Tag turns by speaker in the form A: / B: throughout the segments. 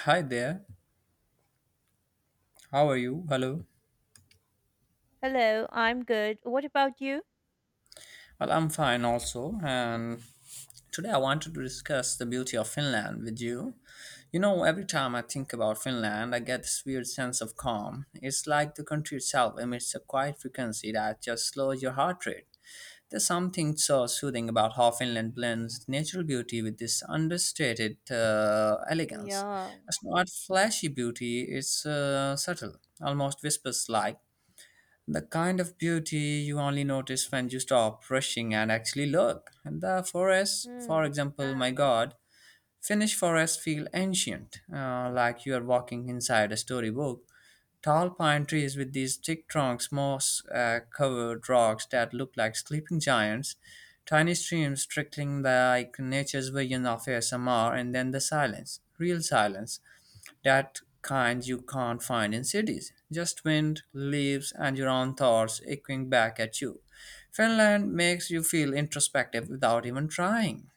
A: Hi there. How are you? Hello.
B: Hello, I'm good. What about you?
A: Well, I'm fine also. And today I wanted to discuss the beauty of Finland with you. You know, every time I think about Finland, I get this weird sense of calm. It's like the country itself emits a quiet frequency that just slows your heart rate. There's something so soothing about how Finland blends natural beauty with this understated elegance.
B: Yeah.
A: It's not flashy beauty, it's subtle, almost whispers like. The kind of beauty you only notice when you stop rushing and actually look. The forests, for
B: Hmm.
A: example, my god, Finnish forests feel ancient, like you are walking inside a storybook. Tall pine trees with these thick trunks, moss covered rocks that look like sleeping giants, tiny streams trickling like nature's vision of ASMR, and then the silence, real silence that kind you can't find in cities. Just wind, leaves, and your own thoughts echoing back at you. Finland makes you feel introspective without even trying.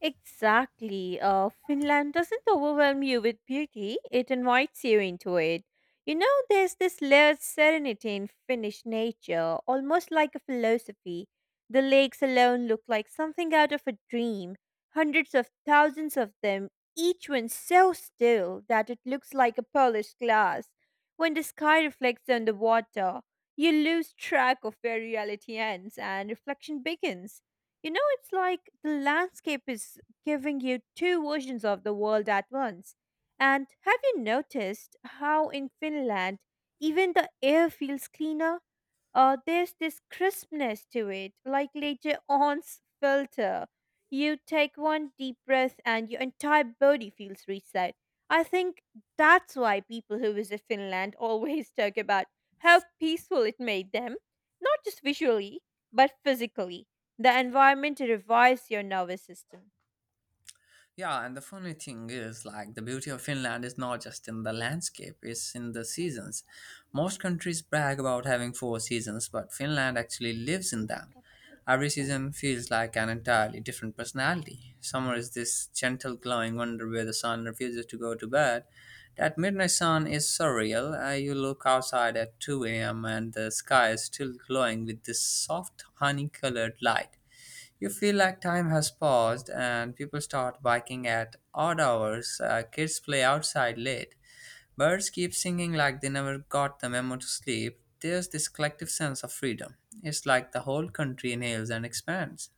B: Exactly. Finland doesn't overwhelm you with beauty, it invites you into it. You know, there's this layered serenity in Finnish nature, almost like a philosophy. The lakes alone look like something out of a dream. Hundreds of thousands of them, each one so still that it looks like a polished glass. When the sky reflects on the water, you lose track of where reality ends and reflection begins. You know, it's like the landscape is giving you two versions of the world at once. And have you noticed how in Finland, even the air feels cleaner? There's this crispness to it, like later on's filter. You take one deep breath and your entire body feels reset. I think that's why people who visit Finland always talk about how peaceful it made them, not just visually, but physically. The environment revives your nervous system.
A: Yeah, and the funny thing is, like, the beauty of Finland is not just in the landscape, it's in the seasons. Most countries brag about having four seasons, but Finland actually lives in them. Every season feels like an entirely different personality. Summer is this gentle, glowing wonder where the sun refuses to go to bed. That midnight sun is surreal. You look outside at 2 a.m., and the sky is still glowing with this soft, honey colored light. You feel like time has paused and people start biking at odd hours. Kids play outside late. Birds keep singing like they never got the memo to sleep. There's this collective sense of freedom. It's like the whole country inhales and expands.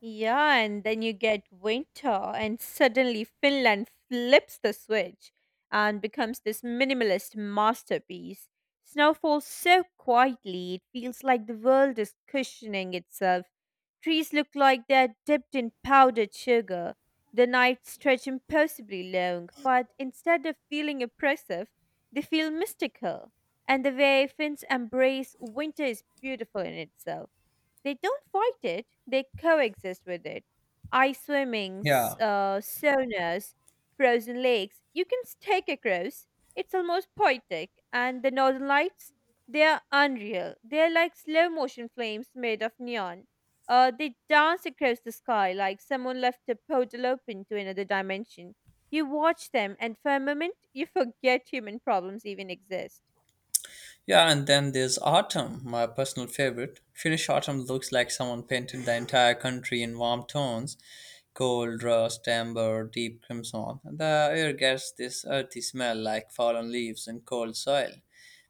B: Yeah, and then you get winter, and suddenly Finland flips the switch and becomes this minimalist masterpiece. Snow falls so quietly, it feels like the world is cushioning itself. Trees look like they're dipped in powdered sugar. The nights stretch impossibly long, but instead of feeling oppressive, they feel mystical. And the way Finns embrace winter is beautiful in itself. They don't fight it, they coexist with it. Ice swimming,
A: Yeah.
B: saunas, frozen lakes, you can take across. It's almost poetic. And the northern lights, they are unreal. They're like slow motion flames made of neon. They dance across the sky like someone left a portal open to another dimension. You watch them, and for a moment, you forget human problems even exist.
A: Yeah, and then there's autumn, my personal favorite. Finnish autumn looks like someone painted the entire country in warm tones: gold, rust, amber, deep crimson. The air gets this earthy smell like fallen leaves and cold soil.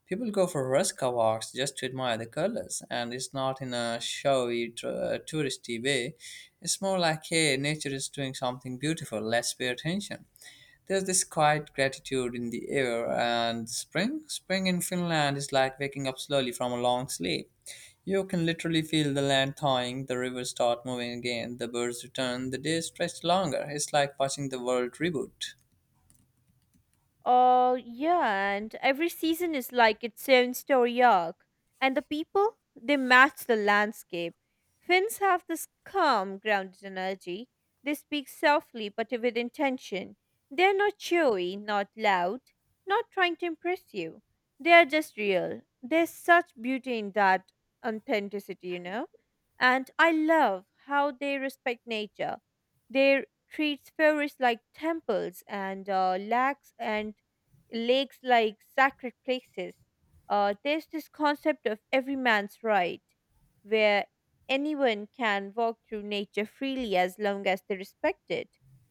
A: People go for Ruska walks just to admire the colors, and it's not in a showy, touristy way. It's more like, hey, nature is doing something beautiful, let's pay attention. There's this quiet gratitude in the air, and spring, spring in Finland is like waking up slowly from a long sleep. You can literally feel the land thawing, the rivers start moving again, the birds return, the days stretch longer. It's like watching the world reboot.
B: Yeah, and every season is like its own story arc. And the people, they match the landscape. Finns have this calm, grounded energy. They speak softly but with intention. They're not showy, not loud, not trying to impress you. They are just real. There's such beauty in that authenticity, you know? And I love how they respect nature. They're treats forests like temples and lakes and lakes like sacred places. There's this concept of every man's right, where anyone can walk through nature freely as long as they respect it.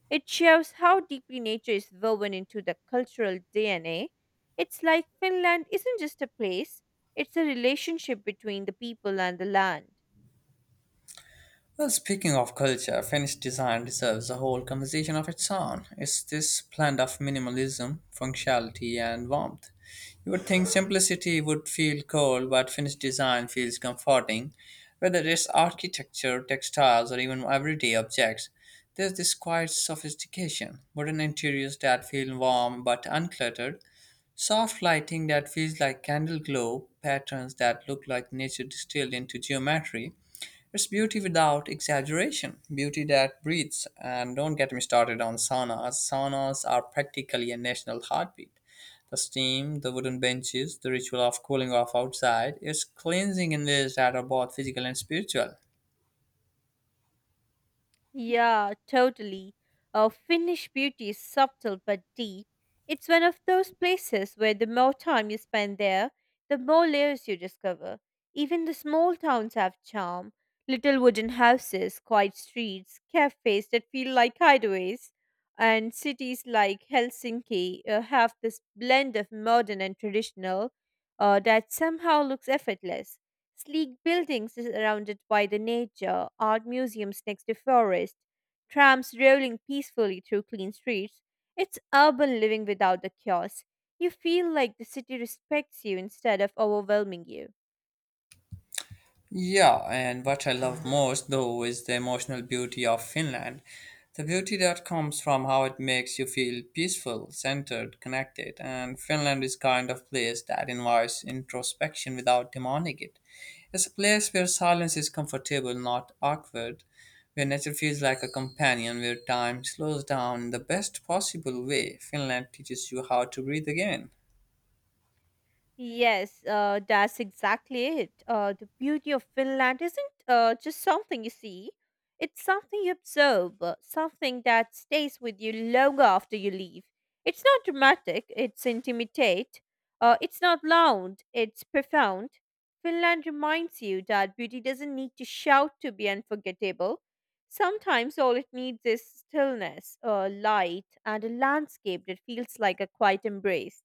B: It shows how deeply nature is woven into the cultural DNA. It's like Finland isn't just a place, it's a relationship between the people and the land.
A: Well, speaking of culture, Finnish design deserves a whole conversation of its own. It's this blend of minimalism, functionality, and warmth. You would think simplicity would feel cold, but Finnish design feels comforting. Whether it's architecture, textiles, or even everyday objects, there's this quiet sophistication, modern interiors that feel warm but uncluttered, soft lighting that feels like candle glow, patterns that look like nature distilled into geometry. It's beauty without exaggeration, beauty that breathes. And don't get me started on saunas. Saunas are practically a national heartbeat. The steam, the wooden benches, the ritual of cooling off outside, it's cleansing in ways that are both physical and spiritual.
B: Yeah, totally. Finnish beauty is subtle but deep. It's one of those places where the more time you spend there, the more layers you discover. Even the small towns have charm. Little wooden houses, quiet streets, cafes that feel like hideaways, and cities like Helsinki have this blend of modern and traditional that somehow looks effortless. Sleek buildings surrounded by the nature, art museums next to forest, trams rolling peacefully through clean streets. It's urban living without the chaos. You feel like the city respects you instead of overwhelming you.
A: Yeah, and what I love most though is the emotional beauty of Finland. The beauty that comes from how it makes you feel peaceful, centered, connected, and Finland is kind of place that invites introspection without demanding it. It's a place where silence is comfortable, not awkward, where nature feels like a companion, where time slows down in the best possible way. Finland teaches you how to breathe again.
B: Yes, that's exactly it. The beauty of Finland isn't just something you see, it's something you observe, something that stays with you long after you leave. It's not dramatic, it's intimate. It's not loud, it's profound. Finland reminds you that beauty doesn't need to shout to be unforgettable. Sometimes all it needs is stillness, light, and a landscape that feels like a quiet embrace.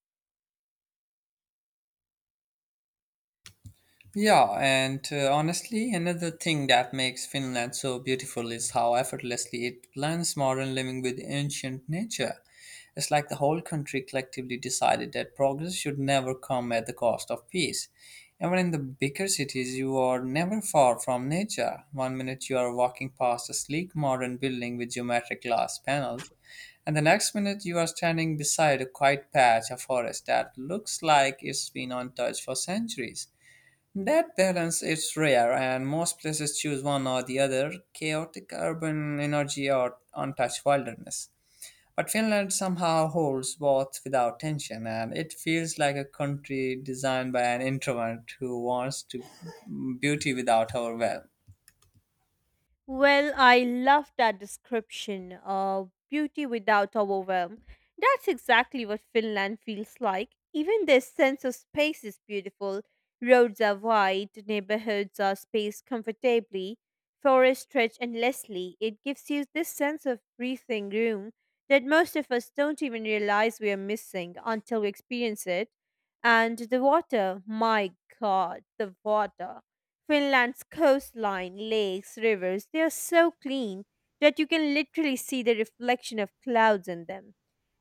A: Yeah, and honestly, another thing that makes Finland so beautiful is how effortlessly it blends modern living with ancient nature. It's like the whole country collectively decided that progress should never come at the cost of peace. Even in the bigger cities, you are never far from nature. One minute you are walking past a sleek modern building with geometric glass panels, and the next minute you are standing beside a quiet patch of forest that looks like it's been untouched for centuries. That balance is rare, and most places choose one or the other: chaotic urban energy or untouched wilderness. But Finland somehow holds both without tension, and it feels like a country designed by an introvert who wants to beauty without overwhelm.
B: Well, I love that description of beauty without overwhelm. That's exactly what Finland feels like. Even their sense of space is beautiful. Roads are wide, neighborhoods are spaced comfortably, forests stretch endlessly. It gives you this sense of breathing room that most of us don't even realize we are missing until we experience it. And the water, my god, the water. Finland's coastline, lakes, rivers, they are so clean that you can literally see the reflection of clouds in them.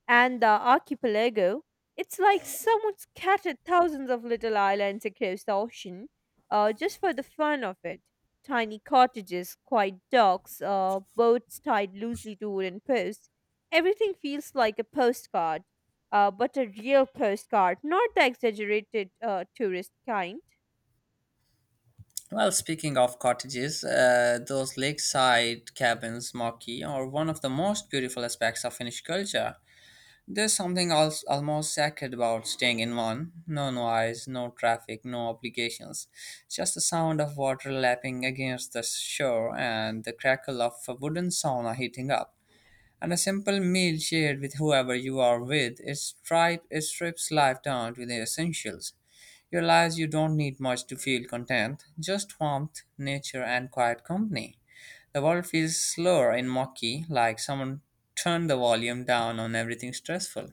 B: And the archipelago, it's like someone scattered thousands of little islands across the ocean just for the fun of it. Tiny cottages, quiet docks, boats tied loosely to wooden posts. Everything feels like a postcard, but a real postcard, not the exaggerated tourist kind.
A: Well, speaking of cottages, those lakeside cabins, Maki, are one of the most beautiful aspects of Finnish culture. There's something else almost sacred about staying in one. No noise, no traffic, no obligations. Just the sound of water lapping against the shore and the crackle of a wooden sauna heating up. And a simple meal shared with whoever you are with, it strips life down to the essentials. You realize you don't need much to feel content, just warmth, nature, and quiet company. The world feels slower and mucky, like someone turned the volume down on everything stressful.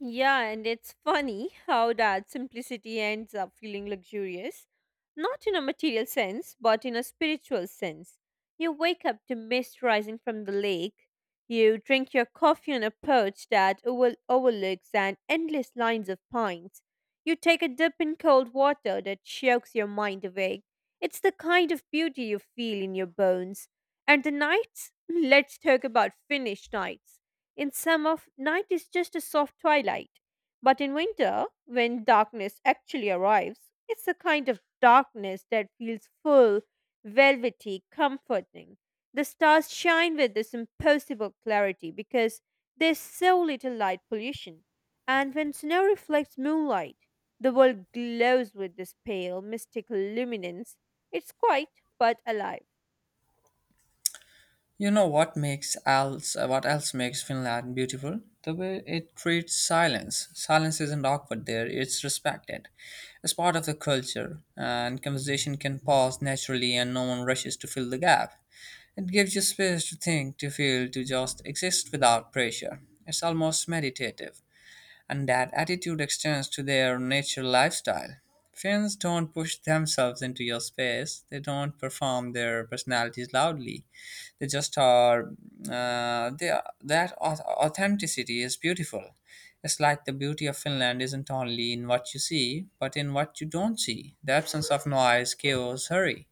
B: Yeah, and it's funny how that simplicity ends up feeling luxurious, not in a material sense, but in a spiritual sense. You wake up to mist rising from the lake. You drink your coffee on a perch that overlooks an endless lines of pines. You take a dip in cold water that chokes your mind awake. It's the kind of beauty you feel in your bones. And the nights? Let's talk about Finnish nights. In summer, night is just a soft twilight. But in winter, when darkness actually arrives, it's a kind of darkness that feels full, velvety, comforting. The stars shine with this impossible clarity because there's so little light pollution. And when snow reflects moonlight, the world glows with this pale, mystical luminance. It's quiet but alive.
A: You know what makes else what else makes Finland beautiful? The way it treats silence. Silence isn't awkward there; it's respected. It's part of the culture, and conversation can pause naturally, and no one rushes to fill the gap. It gives you space to think, to feel, to just exist without pressure. It's almost meditative, and that attitude extends to their nature lifestyle. Finns don't push themselves into your space, they don't perform their personalities loudly. They just are, they are that authenticity is beautiful. It's like the beauty of Finland isn't only in what you see, but in what you don't see: the absence of noise, chaos, hurry.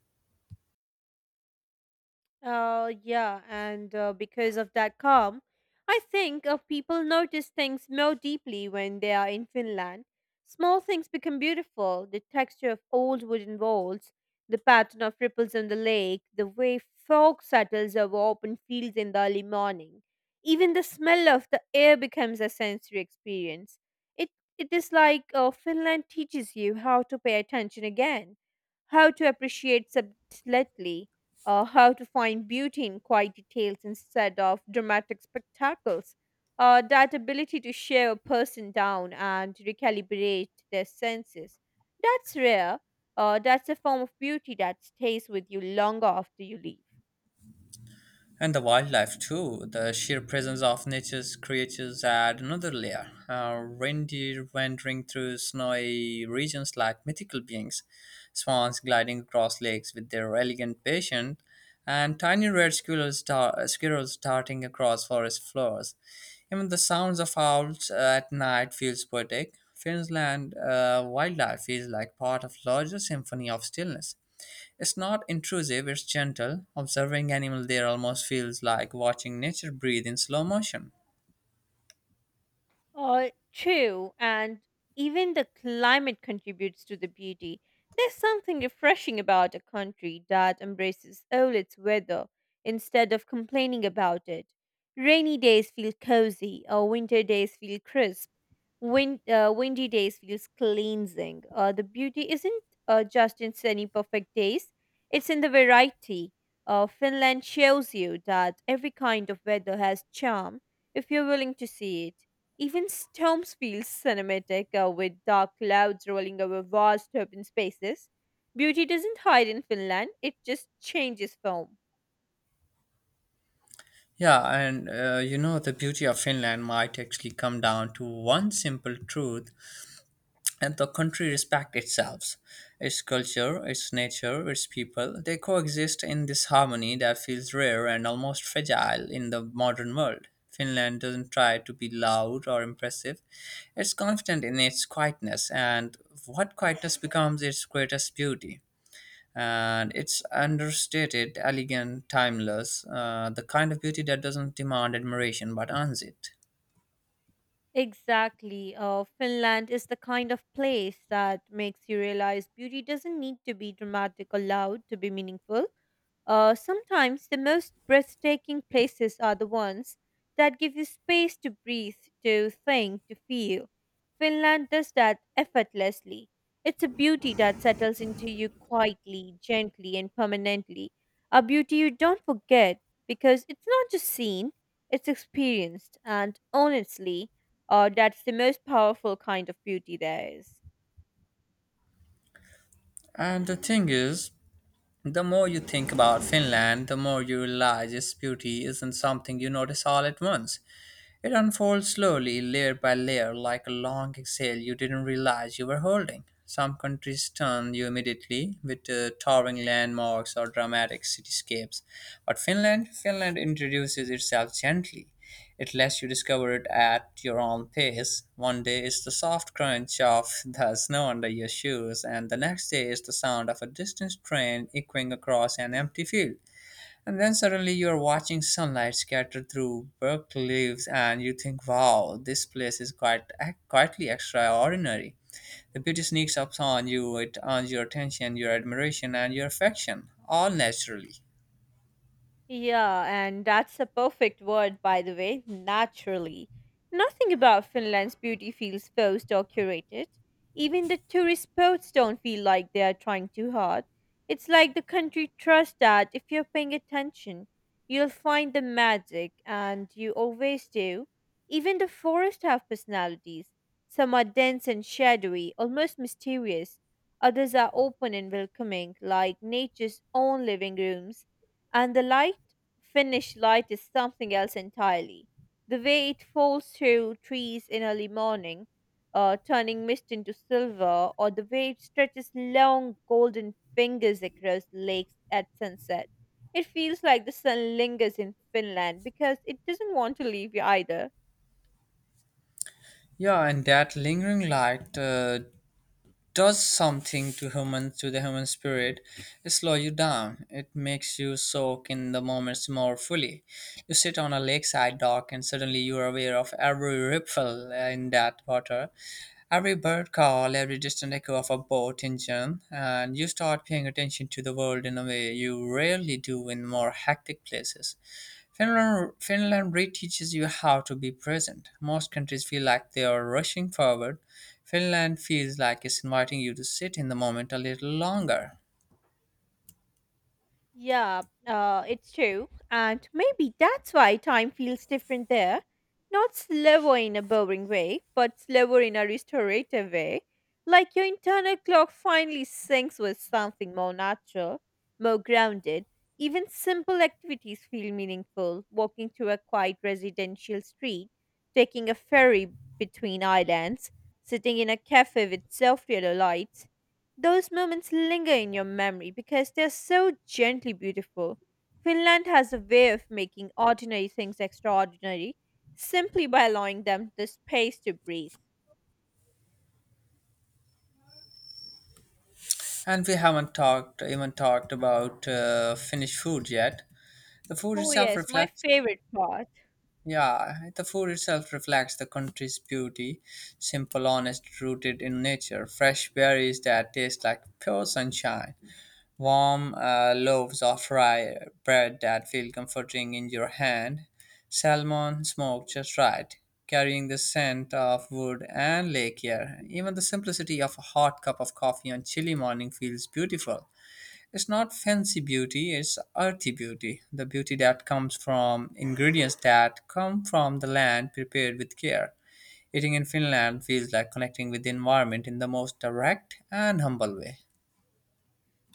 B: Yeah, and because of that calm, I think people notice things more deeply when they are in Finland. Small things become beautiful the texture of old wooden walls, the pattern of ripples on the lake, the way fog settles over open fields in the early morning. Even the smell of the air becomes a sensory experience. It, it is like Finland teaches you how to pay attention again, how to appreciate subtly how to find beauty in quiet details instead of dramatic spectacles. That ability to share a person down and recalibrate their senses. That's rare. That's a form of beauty that stays with you longer after you leave.
A: And the wildlife too. The sheer presence of nature's creatures add another layer. Reindeer wandering through snowy regions like mythical beings, swans gliding across lakes with their elegant patience, and tiny red squirrels, squirrels darting across forest floors. Even the sounds of owls at night feels poetic. Finland wildlife is like part of larger symphony of stillness. It's not intrusive, it's gentle. Observing animal there almost feels like watching nature breathe in slow motion.
B: True, and even the climate contributes to the beauty. There's something refreshing about a country that embraces all its weather instead of complaining about it. Rainy days feel cozy, or winter days feel crisp. Windy days feels cleansing. The beauty isn't just in sunny perfect days; it's in the variety. Finland shows you that every kind of weather has charm if you're willing to see it. Even storms feel cinematic with dark clouds rolling over vast open spaces. Beauty doesn't hide in Finland, it just changes form.
A: Yeah, and you know, the beauty of Finland might actually come down to one simple truth, and the country respect itself, its culture, its nature, its people. They coexist in this harmony that feels rare and almost fragile in the modern world. Finland doesn't try to be loud or impressive, it's confident in its quietness, and what quietness becomes its greatest beauty. And it's understated, elegant, timeless, the kind of beauty that doesn't demand admiration but earns it.
B: Exactly. Finland is the kind of place that makes you realize beauty doesn't need to be dramatic or loud to be meaningful. Sometimes the most breathtaking places are the ones that give you space to breathe, to think, to feel. Finland does that effortlessly. It's a beauty that settles into you quietly, gently, and permanently. A beauty you don't forget because it's not just seen, it's experienced. And honestly, that's the most powerful kind of beauty there is.
A: And the thing is, the more you think about Finland, the more you realize its beauty isn't something you notice all at once. It unfolds slowly, layer by layer, like a long exhale you didn't realize you were holding. Some countries stun you immediately with towering landmarks or dramatic cityscapes, but Finland introduces itself gently. It lets you discover it at your own pace. One day is the soft crunch of the snow under your shoes, and the next day is the sound of a distant train echoing across an empty field. And then suddenly you're watching sunlight scattered through bark leaves, and you think, "Wow, this place is quite quietly extraordinary." The beauty sneaks up on you; it earns your attention, your admiration, and your affection, all naturally.
B: Yeah, and that's a perfect word, by the way, naturally. Nothing about Finland's beauty feels forced or curated. Even the tourist spots don't feel like they are trying too hard. It's like the country trusts that if you're paying attention, you'll find the magic, and you always do. Even the forests have personalities. Some are dense and shadowy, almost mysterious. Others are open and welcoming, like nature's own living rooms. And the light finish light is something else entirely. The way it falls through trees in early morning, turning mist into silver, or the way it stretches long golden fingers across lakes at sunset. It feels like the sun lingers in Finland because it doesn't want to leave you either.
A: Yeah, and that lingering light does something to human to the human spirit. It slows you down. It makes you soak in the moments more fully. You sit on a lakeside dock, and suddenly you are aware of every ripple in that water. Every bird call, every distant echo of a boat engine, and you start paying attention to the world in a way you rarely do in more hectic places. Finland reteaches you how to be present. Most countries feel like they are rushing forward. Finland feels like it's inviting you to sit in the moment a little longer.
B: Yeah, it's true. And maybe that's why time feels different there. Not slower in a boring way, but slower in a restorative way. Like your internal clock finally syncs with something more natural, more grounded. Even simple activities feel meaningful. Walking through a quiet residential street, taking a ferry between islands, sitting in a cafe with soft yellow lights those moments linger in your memory because they're so gently beautiful. Finland has a way of making ordinary things extraordinary simply by allowing them the space to breathe.
A: And we haven't talked about Finnish food yet. The food
B: Oh,
A: itself
B: yes, my
A: reflects.
B: favorite part.
A: Yeah, the food itself reflects the country's beauty. Simple, honest, rooted in nature. Fresh berries that taste like pure sunshine. Warm loaves of rye bread that feel comforting in your hand. Salmon smoked just right, carrying the scent of wood and lake air. Even the simplicity of a hot cup of coffee on chilly morning feels beautiful. It's not fancy beauty, it's earthy beauty, the beauty that comes from ingredients that come from the land prepared with care. Eating in Finland feels like connecting with the environment in the most direct and humble way.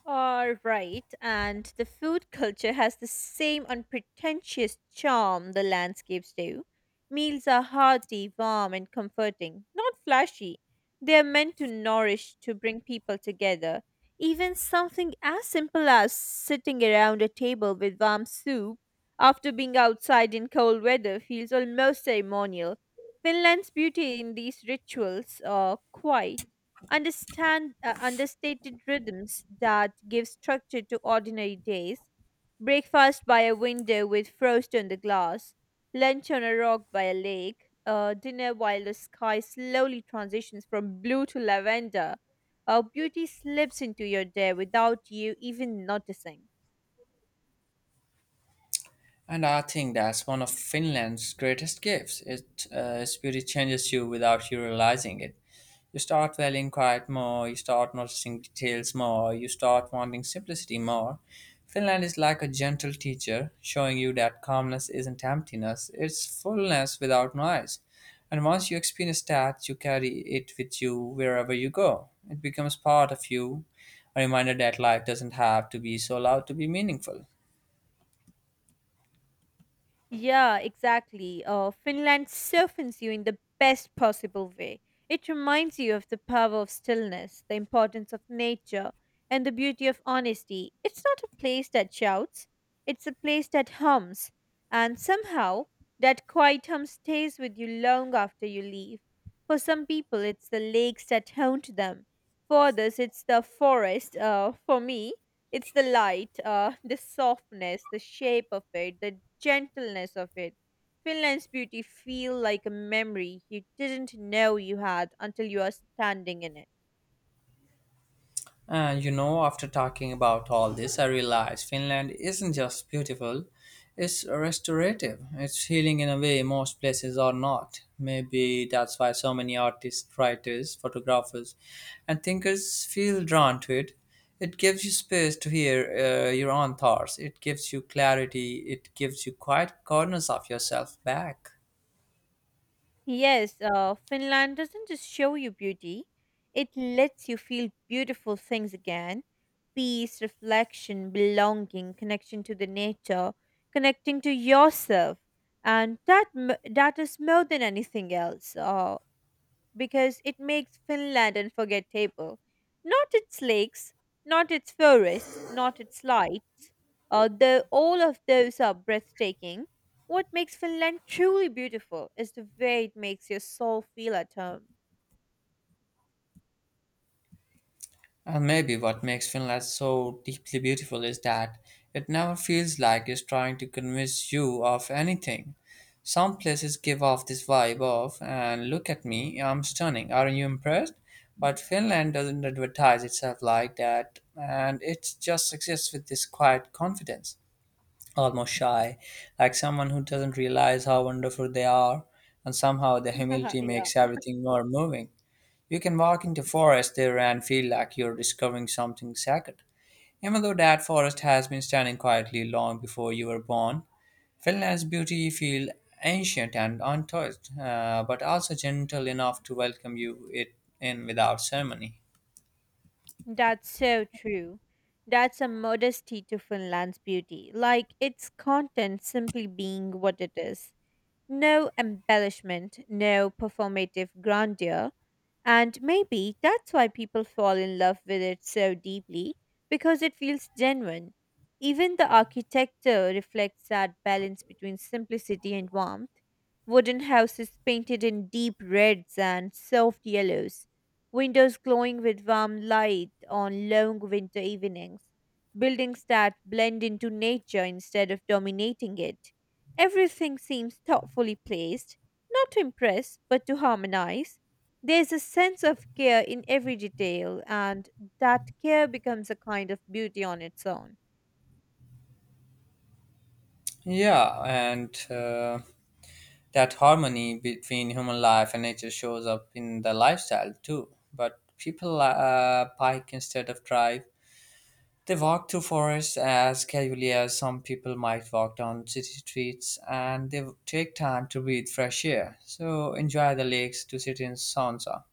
B: All right, and the food culture has the same unpretentious charm the landscapes do. Meals are hearty, warm, and comforting, not flashy. They are meant to nourish, to bring people together. Even something as simple as sitting around a table with warm soup after being outside in cold weather feels almost ceremonial. Finland's beauty in these rituals are quiet understand understated rhythms that give structure to ordinary days breakfast by a window with frost on the glass lunch on a rock by a lake dinner while the sky slowly transitions from blue to lavender beauty slips into your day without you even noticing.
A: And I think that's one of Finland's greatest gifts. Its beauty changes you without you realizing it. You start valuing quiet more, you start noticing details more, you start wanting simplicity more. Finland is like a gentle teacher, showing you that calmness isn't emptiness, it's fullness without noise. And once you experience that, you carry it with you wherever you go. It becomes part of you, a reminder that life doesn't have to be so loud to be meaningful.
B: Yeah, exactly. Finland softens you in the best possible way. It reminds you of the power of stillness, the importance of nature, and the beauty of honesty. It's not a place that shouts, it's a place that hums. And somehow, that quiet hum stays with you long after you leave. For some people, it's the lakes that haunt them. For others, it's the forest. For me, it's the light, the softness, the shape of it, the gentleness of it. Finland's beauty feel like a memory you didn't know you had until you are standing in it.
A: And you know, after talking about all this, I realized Finland isn't just beautiful, it's restorative. It's healing in a way most places are not. Maybe that's why so many artists, writers, photographers, and thinkers feel drawn to it. It gives you space to hear your own thoughts, it gives you clarity, it gives you quiet corners of yourself back.
B: Yes, Finland doesn't just show you beauty; it lets you feel beautiful things again. Peace, reflection, belonging, connection to the nature, connecting to yourself, and that is more than anything else. Because it makes Finland unforgettable. Not its lakes, not its forests, not its lights, although all of those are breathtaking. What makes Finland truly beautiful is the way it makes your soul feel at home.
A: And maybe what makes Finland so deeply beautiful is that it never feels like it's trying to convince you of anything. Some places give off this vibe of, and look at me, I'm stunning, aren't you impressed? But Finland doesn't advertise itself like that, and it just exists with this quiet confidence, almost shy, like someone who doesn't realize how wonderful they are, and somehow the humility
B: Yeah.
A: makes everything more moving. You can walk into forest there and feel like you're discovering something sacred, even though that forest has been standing quietly long before you were born. Finland's beauty feel ancient and untouched, but also gentle enough to welcome you it in without ceremony.
B: That's so true. That's a modesty to Finland's beauty, like its content simply being what it is. No embellishment, no performative grandeur. And maybe that's why people fall in love with it so deeply, because it feels genuine. Even the architecture reflects that balance between simplicity and warmth. Wooden houses painted in deep reds and soft yellows, windows glowing with warm light on long winter evenings, buildings that blend into nature instead of dominating it. Everything seems thoughtfully placed, not to impress, but to harmonize. There's a sense of care in every detail, and that care becomes a kind of beauty on its own.
A: Yeah, and that harmony between human life and nature shows up in the lifestyle too. But people bike instead of drive. They walk through forests as casually as some people might walk down city streets, and they take time to breathe fresh air. So enjoy the lakes to sit in sauna.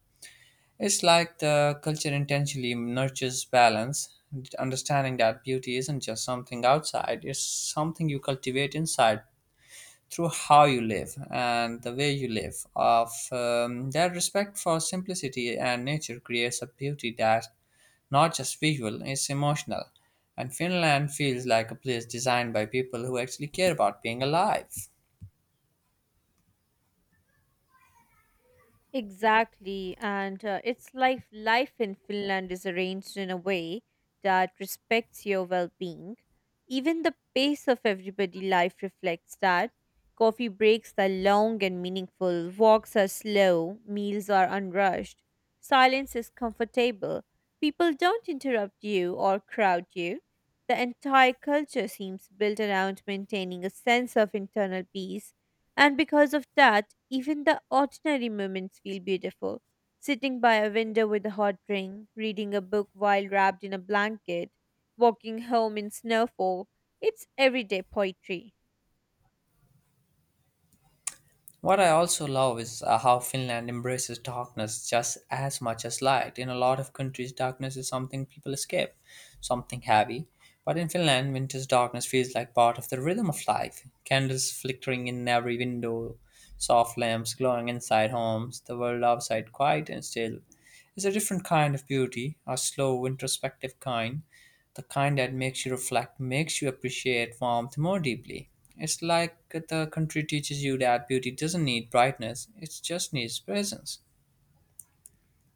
A: It's like the culture intentionally nurtures balance, understanding that beauty isn't just something outside, it's something you cultivate inside through how you live and the way you live. Of their respect for simplicity and nature creates a beauty that not just visual, it's emotional. And Finland feels like a place designed by people who actually care about being alive.
B: Exactly, and it's like life in Finland is arranged in a way that respects your well-being. Even the pace of everybody life reflects that. Coffee breaks are long and meaningful, walks are slow, meals are unrushed, silence is comfortable. People don't interrupt you or crowd you. The entire culture seems built around maintaining a sense of internal peace, and because of that, even the ordinary moments feel beautiful. Sitting by a window with a hot drink, reading a book while wrapped in a blanket, walking home in snowfall, it's everyday poetry.
A: What I also love is how Finland embraces darkness just as much as light. In a lot of countries, darkness is something people escape, something heavy. But in Finland, winter's darkness feels like part of the rhythm of life. Candles flickering in every window, soft lamps glowing inside homes, the world outside quiet and still. It's a different kind of beauty, a slow, introspective kind, the kind that makes you reflect, makes you appreciate warmth more deeply. It's like the country teaches you that beauty doesn't need brightness, it just needs presence.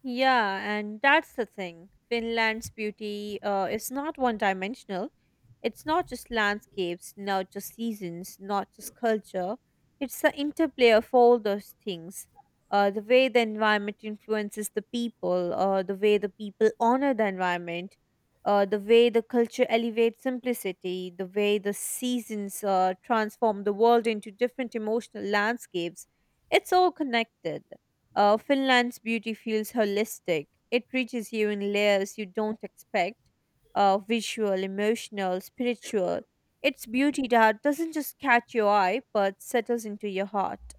B: Yeah, and that's the thing. Finland's beauty is not one dimensional. It's not just landscapes, not just seasons, not just culture. It's the interplay of all those things. The way the environment influences the people, the way the people honor the environment, the way the culture elevates simplicity, the way the seasons transform the world into different emotional landscapes. It's all connected. Finland's beauty feels holistic. It reaches you in layers you don't expect: visual, emotional, spiritual. It's beauty that doesn't just catch your eye but settles into your heart.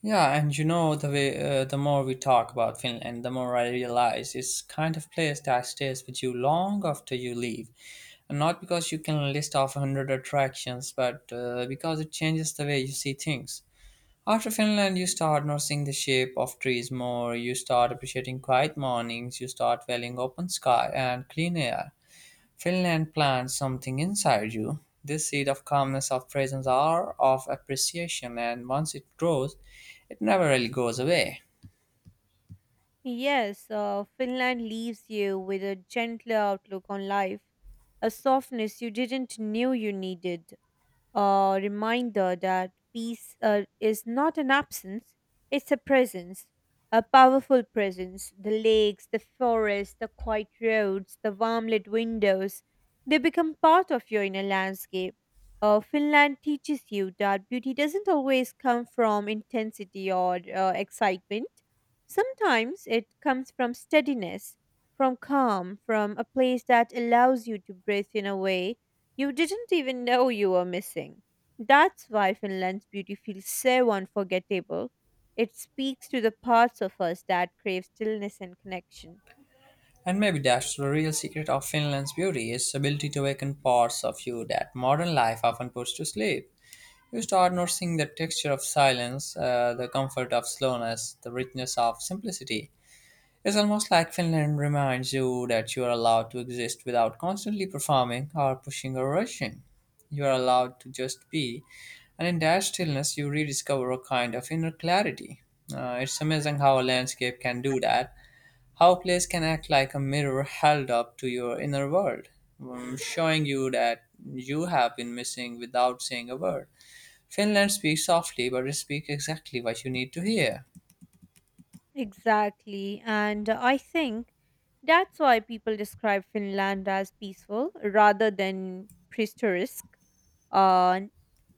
A: Yeah, and you know the way, the more we talk about Finland, the more I realize it's kind of place that stays with you long after you leave. And not because you can list off a hundred attractions, but because it changes the way you see things. After Finland, you start noticing the shape of trees more, you start appreciating quiet mornings, you start valuing open sky and clean air. Finland plants something inside you. This seed of calmness, of presence, or of appreciation, and once it grows, it never really goes away.
B: Yes, Finland leaves you with a gentler outlook on life, a softness you didn't knew you needed, a reminder that peace is not an absence, it's a presence, a powerful presence. The lakes, the forests, the quiet roads, the warm lit windows, they become part of your inner landscape. Finland teaches you that beauty doesn't always come from intensity or excitement. Sometimes it comes from steadiness, from calm, from a place that allows you to breathe in a way you didn't even know you were missing. That's why Finland's beauty feels so unforgettable. It speaks to the parts of us that crave stillness and connection.
A: And maybe that's the real secret of Finland's beauty, its ability to awaken parts of you that modern life often puts to sleep. You start noticing the texture of silence, the comfort of slowness, the richness of simplicity. It's almost like Finland reminds you that you are allowed to exist without constantly performing or pushing or rushing. You are allowed to just be, and in that stillness, you rediscover a kind of inner clarity. It's amazing how a landscape can do that, how a place can act like a mirror held up to your inner world, showing you that you have been missing without saying a word. Finland speaks softly, but it speaks exactly what you need to hear.
B: Exactly, and I think that's why people describe Finland as peaceful rather than picturesque. Uh,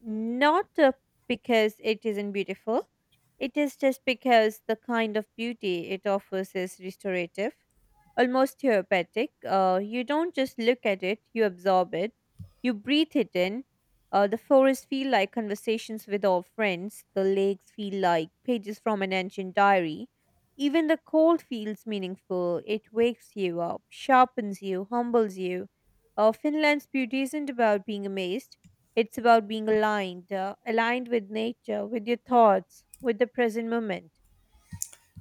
B: not because it isn't beautiful, it is just because the kind of beauty it offers is restorative, almost therapeutic. You don't just look at it, you absorb it, you breathe it in. The forests feel like conversations with old friends, the lakes feel like pages from an ancient diary. Even the cold feels meaningful. It wakes you up, sharpens you, humbles you. Finland's beauty isn't about being amazed. It's about being aligned, aligned with nature, with your thoughts, with the present moment.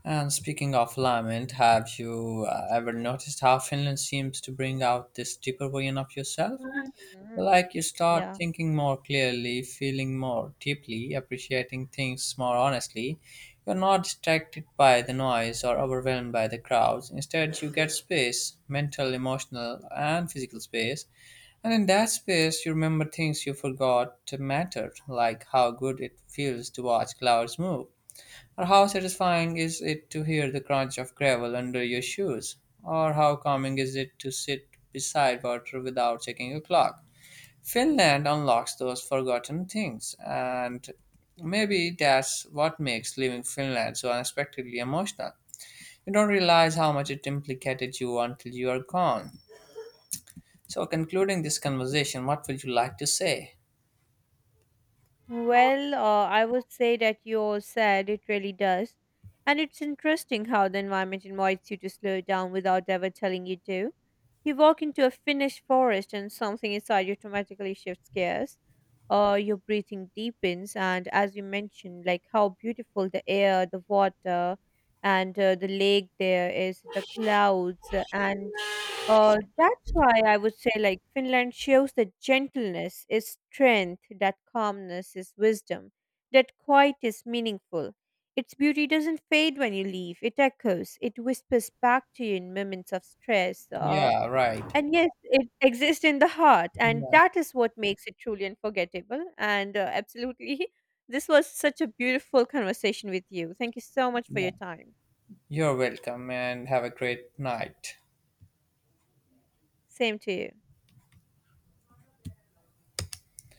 A: And speaking of lament, have you ever noticed how Finland seems to bring out this deeper version of yourself?
B: Mhm.
A: Like you start
B: Yeah.
A: thinking more clearly, feeling more deeply, appreciating things more honestly. You're not distracted by the noise or overwhelmed by the crowds. Instead, you get space, mental, emotional, and physical space. And in that space, you remember things you forgot mattered, like how good it feels to watch clouds move, or how satisfying is it to hear the crunch of gravel under your shoes? Or how calming is it to sit beside water without checking your clock? Finland unlocks those forgotten things, and maybe that's what makes leaving Finland so unexpectedly emotional. You don't realize how much it implicated you until you are gone. So, concluding this conversation, what would you like to say?
B: Well, I would say that you're sad, it really does. And it's interesting how the environment invites you to slow down without ever telling you to. You walk into a finished forest and something inside you automatically shifts gears. Your breathing deepens, and as you mentioned, like how beautiful the air, the water, and the lake there is, the clouds, and that's why I would say, like, Finland shows that gentleness is strength, that calmness is wisdom, that quiet is meaningful. Its beauty doesn't fade when you leave, it echoes, it whispers back to you in moments of stress. Uh,
A: Yeah, right.
B: and yes, it exists in the heart, and
A: Yeah,
B: that is what makes it truly unforgettable. And absolutely, this was such a beautiful conversation with you. Thank you so much for
A: yeah.
B: your time.
A: You're welcome, and have a great night.
B: Same to you.